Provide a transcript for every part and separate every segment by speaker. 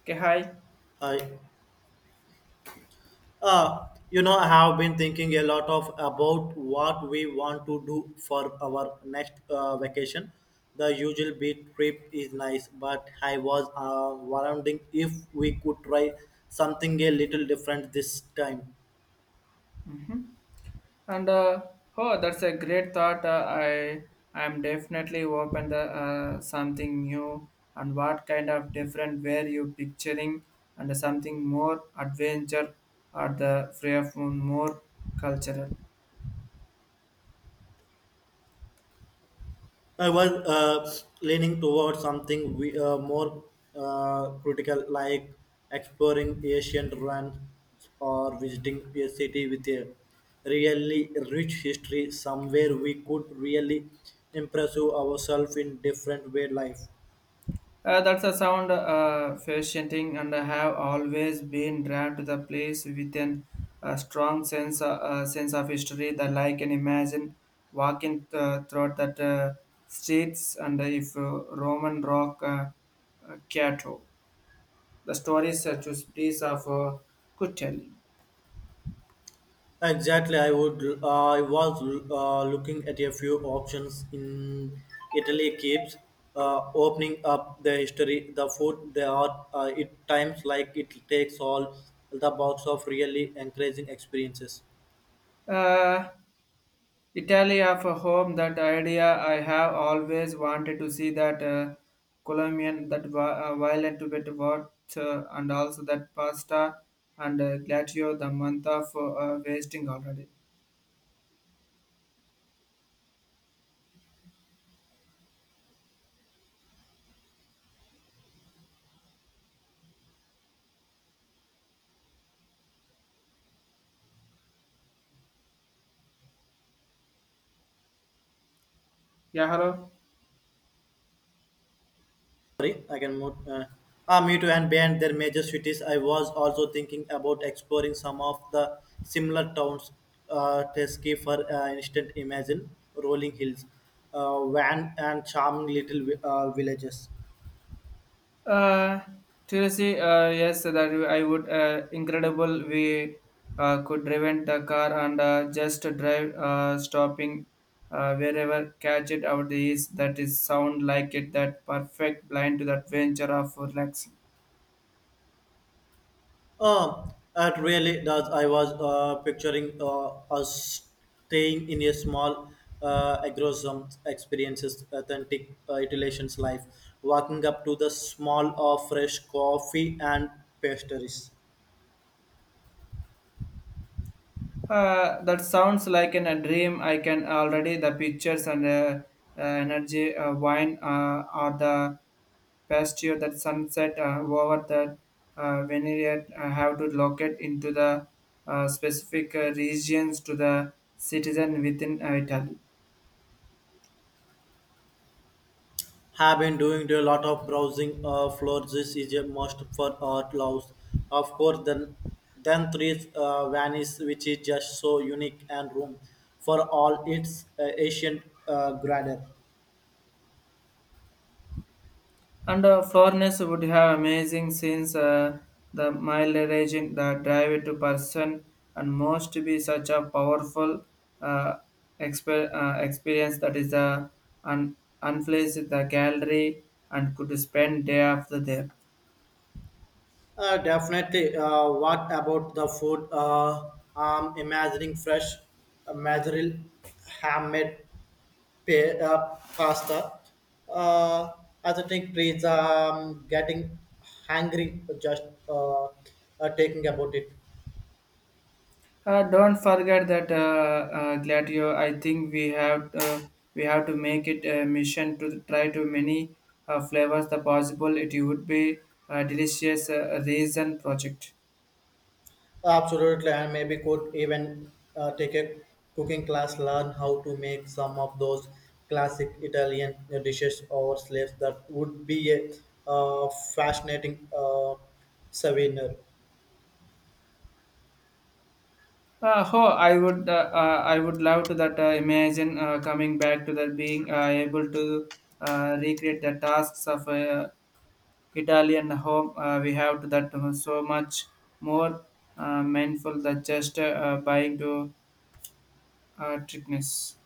Speaker 1: Okay, hi.
Speaker 2: I, I have been thinking a lot of about what we want to do for our next vacation. The usual beach trip is nice, but I was wondering if we could try something a little different this time.
Speaker 1: hmm And oh, that's a great thought. I'm definitely open to something new. And what kind of different were you picturing? And something more adventure or the free of more cultural.
Speaker 2: I was leaning towards something we, more critical, like exploring ancient ruins or visiting a city with a really rich history, somewhere we could really impress ourselves in different way life.
Speaker 1: That's a sound fascinating, and I have always been drawn to the place with a strong sense sense of history that I can imagine walking through that streets and if Roman rock Cato. The stories such as piece of good telling.
Speaker 2: Exactly, I would. I was looking at a few options in Italy. Keeps opening up the history, the food, the art. It times like it takes all the box of really encouraging experiences.
Speaker 1: Uh, Italy of a home, that idea I have always wanted to see that Colombian, that violent bit what, and also that pasta and glacio, the month of wasting already. Yeah, hello.
Speaker 2: Sorry, I can move. Me too. And beyond their major cities, I was also thinking about exploring some of the similar towns. Tesky, for instance, imagine rolling hills, van and charming little villages.
Speaker 1: Uh, Seriously, yes, that I would. Incredible, we could prevent the car and just drive, stopping wherever catch it out is. That is sound like it. That perfect blind to the adventure of relaxing.
Speaker 2: It really does. I was picturing us staying in a small agrosome experiences authentic iterations life, walking up to the small fresh coffee and pastries.
Speaker 1: That sounds like in a dream. I can already the pictures and energy wine or the pasture that sunset over that vineyard. I have to locate into the specific regions to the citizen within Italy.
Speaker 2: Have been doing a lot of browsing floors. This is a must for art loves. Of course, then three vanish, which is just so unique and room for all its ancient grandeur.
Speaker 1: And foreigners would have amazing scenes, the mileage, the drive to person, and most to be such a powerful uh, experience that is un- unfazed the gallery and could spend day after there.
Speaker 2: Definitely. What about the food? I'm imagining fresh mozzarella, handmade pasta. Uh, as I think, please, getting hungry just taking about it.
Speaker 1: Don't forget that, Gladio. I think we have to make it a mission to try to many flavors the possible. It would be a delicious reason project.
Speaker 2: Absolutely, and maybe could even take a cooking class, learn how to make some of those classic Italian dishes or slaves. That would be a uh, fascinating souvenir.
Speaker 1: Oh, I would love to that. Imagine coming back to that being able to recreate the tasks of Italian home. We have to that so much more mindful than just buying to trickness.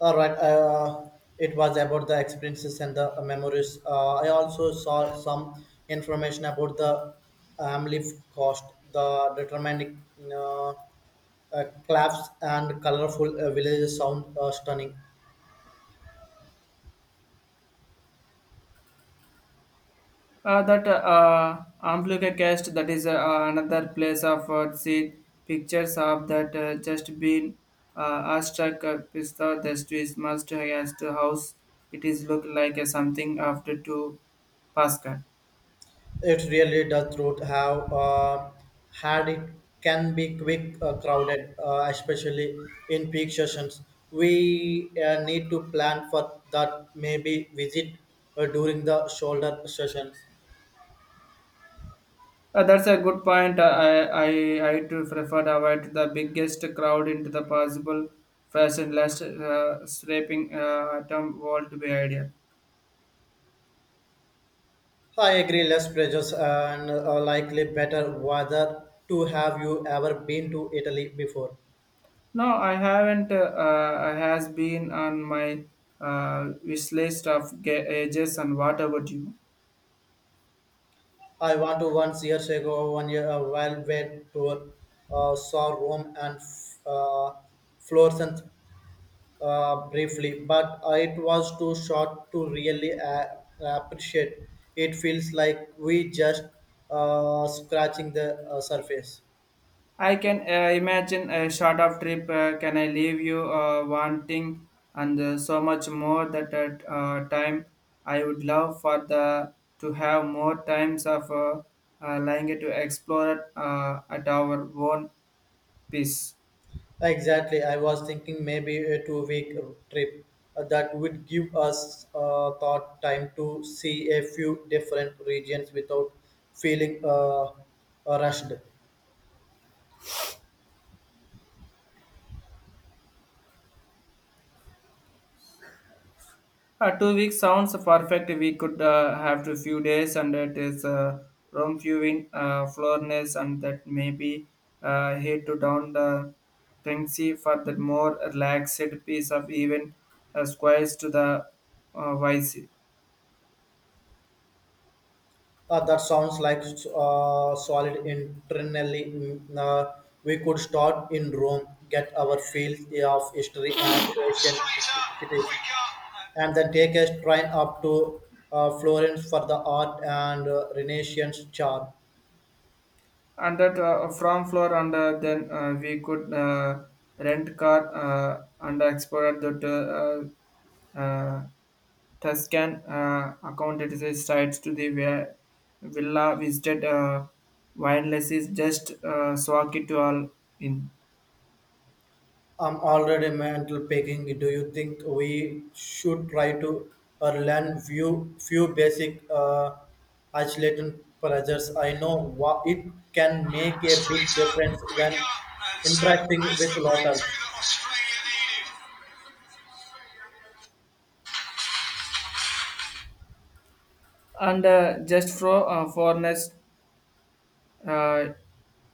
Speaker 2: All right, it was about the experiences and the memories. I also saw some information about the AMLIF cost, the determining uh, claps and colorful villages sound stunning.
Speaker 1: That Amplica cast that is another place of see pictures of that just been astruck pista the streets must has to house it is look like something after two Pascal.
Speaker 2: It really does root have had it can be quick crowded, especially in peak sessions. We need to plan for that. Maybe visit during the shoulder sessions.
Speaker 1: That's a good point. I to prefer to avoid the biggest crowd into the possible fashion less scraping atom world be idea.
Speaker 2: I agree, less pressures and likely better weather. To have you ever been to Italy before?
Speaker 1: No, I haven't. Has been on my wish list of ages. And what about you?
Speaker 2: I want to once years ago, one year a while wet tour, saw Rome and uh, Florence briefly, but it was too short to really appreciate. It feels like we just scratching the surface.
Speaker 1: I can imagine a short of trip. Can I leave you wanting and so much more that at time I would love for the to have more times of lying to explore at our own pace.
Speaker 2: Exactly, I was thinking maybe a 2-week trip that would give us thought time to see a few different regions without feeling rushed.
Speaker 1: 2 weeks sounds perfect. We could have a few days, and it is room viewing, floorness, and that maybe head to down the Tengsi for that more relaxed piece of even squares to the Vice.
Speaker 2: That sounds like solid internally. We could start in Rome, get our feel of history and ancient
Speaker 1: Straighter,
Speaker 2: cities,
Speaker 1: quicker,
Speaker 2: and then take a train up to Florence for the art and Renaissance charm.
Speaker 1: and that from floor and then we could rent car and explore the uh, uh, Tuscan accounted his sites to the where villa visited windless is just swag it to all in.
Speaker 2: I'm already mental packing. Do you think we should try to learn few basic isolation pressures? I know what it can make a big
Speaker 1: Straighter,
Speaker 2: difference when
Speaker 1: quicker, and Sam
Speaker 2: interacting
Speaker 1: has
Speaker 2: with
Speaker 1: the
Speaker 2: locals.
Speaker 1: breakthrough that Australia needed. And just for uh,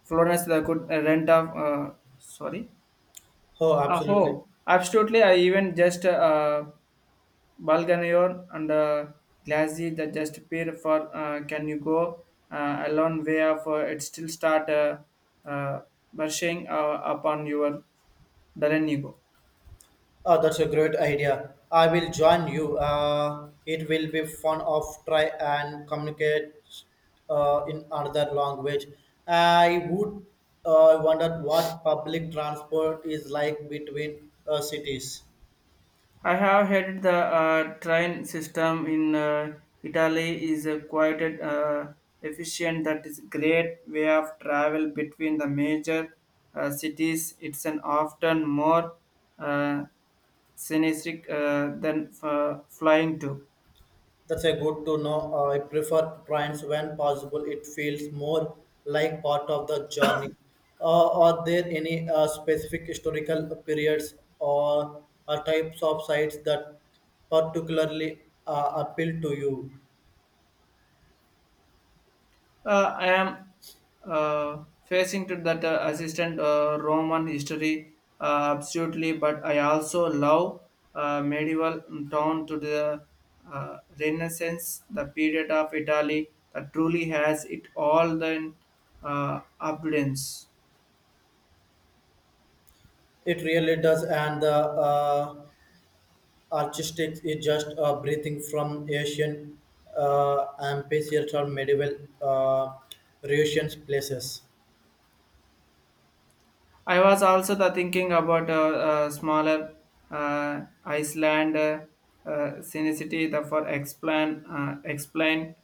Speaker 1: foreigners that could rent off sorry.
Speaker 2: Oh, absolutely.
Speaker 1: Oh, Absolutely. I even just Balganier and Glassy that just pair for Can You Go a long way of it still start uh, brushing upon your Darren Ego.
Speaker 2: Oh, that's a great idea. I will join you. It will be fun of try and communicate in another language. I would wonder what public transport is like between cities.
Speaker 1: I have heard the train system in Italy is quite efficient. That is great way of travel between the major cities. It's an often more uh, scenic than flying to.
Speaker 2: That's a good to know. I prefer trains when possible. It feels more like part of the journey. Are there any specific historical periods or types of sites that particularly appeal to you?
Speaker 1: I am facing to that assistant Roman history absolutely, but I also love medieval town to the Renaissance, the period of Italy that truly has it all the abundance.
Speaker 2: It really does, and the artistic is just breathing from Asian and or medieval Russian places.
Speaker 1: I was also the thinking about a smaller Iceland synecity the for explain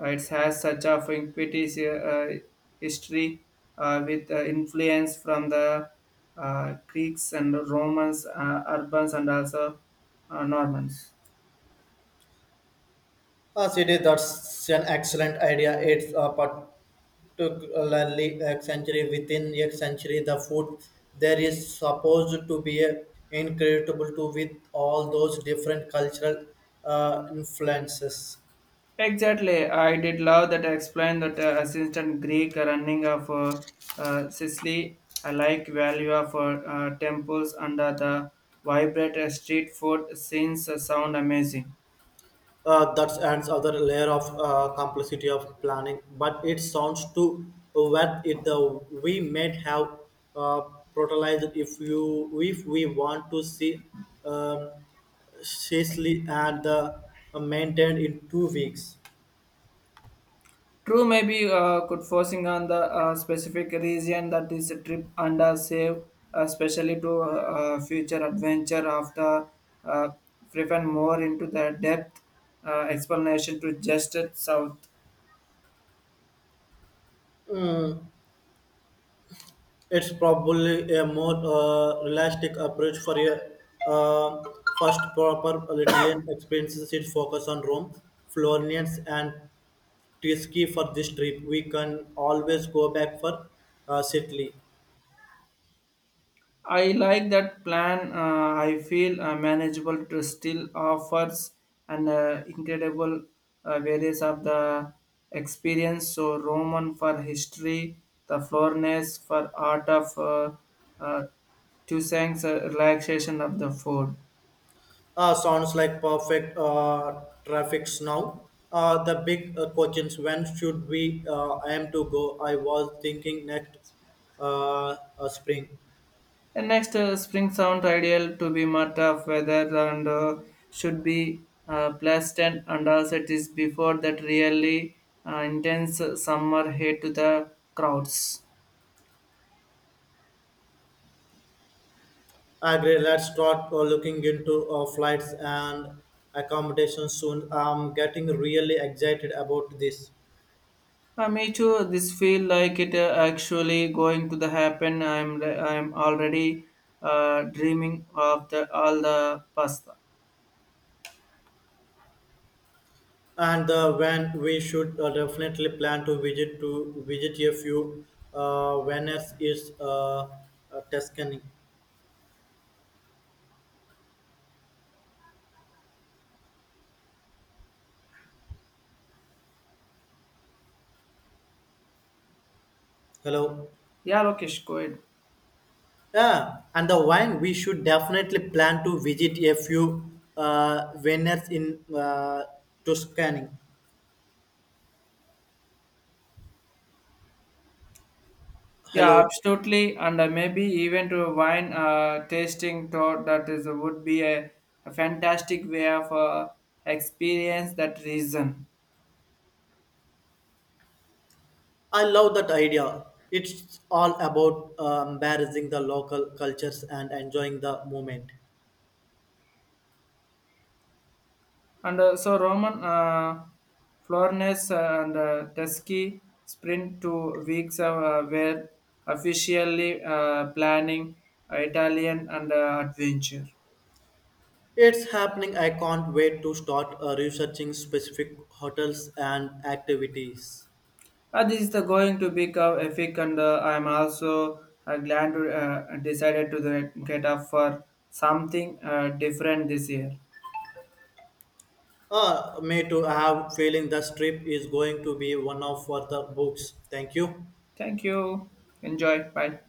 Speaker 1: it has such a ubiquitous history with influence from the Greeks and Romans, Urbans and also Normans.
Speaker 2: Yes, it is. That's an excellent idea. It's part took a lengthy, century within a century. The food there is supposed to be incredible to with all those different cultural influences.
Speaker 1: Exactly. I did love that I explained that assistant Greek running of Sicily. I like value of temples under the vibrant street food scenes sound amazing.
Speaker 2: That adds other layer of complexity of planning, but it sounds to what it we might have uh, prioritized if we want to see um, seriously and maintained in 2 weeks.
Speaker 1: True, maybe could forcing on the specific region that is a trip under save, especially to future adventure after uh, driven more into the depth explanation to just it south.
Speaker 2: It's probably a more realistic approach for a uh, first proper Italian experiences. It focus on Rome, Florence, and Tuscany for this trip. We can always go back for Sicily.
Speaker 1: I like that plan. I feel manageable to still offers an incredible various of the experience. So Roman for history, the Florence for art of uh, Tuesang's relaxation of the food.
Speaker 2: Sounds like perfect traffics now. The big questions when should we aim to go? I was thinking next spring.
Speaker 1: And next, spring sound ideal to be matter of weather and should be pleasant and also it is before that really intense summer heat to the crowds.
Speaker 2: Agree. Let's start looking into flights and accommodation soon. I'm getting really excited about this.
Speaker 1: Me too. This feel like it actually going to the happen. I'm already dreaming of the all the pasta.
Speaker 2: And when we should definitely plan to visit a few Venice is Tuscany. Hello.
Speaker 1: Yeah, Lokesh, go ahead.
Speaker 2: Yeah, and the wine we should definitely plan to visit a few Venice in Tuscany.
Speaker 1: Yeah,
Speaker 2: Hello.
Speaker 1: absolutely, and maybe even to a wine tasting tour. That is would be a fantastic way of experience that reason.
Speaker 2: I love that idea. It's all about embracing the local cultures and enjoying the moment.
Speaker 1: And so Roman Flornes and Teskey sprint 2 weeks were officially planning Italian and adventure.
Speaker 2: It's happening. I can't wait to start researching specific hotels and activities.
Speaker 1: This is the going to be epic, and I'm also glad to decided to get up for something different this year.
Speaker 2: Me too. I have feeling this trip is going to be one of for the books. Thank you.
Speaker 1: Thank you. Enjoy. Bye.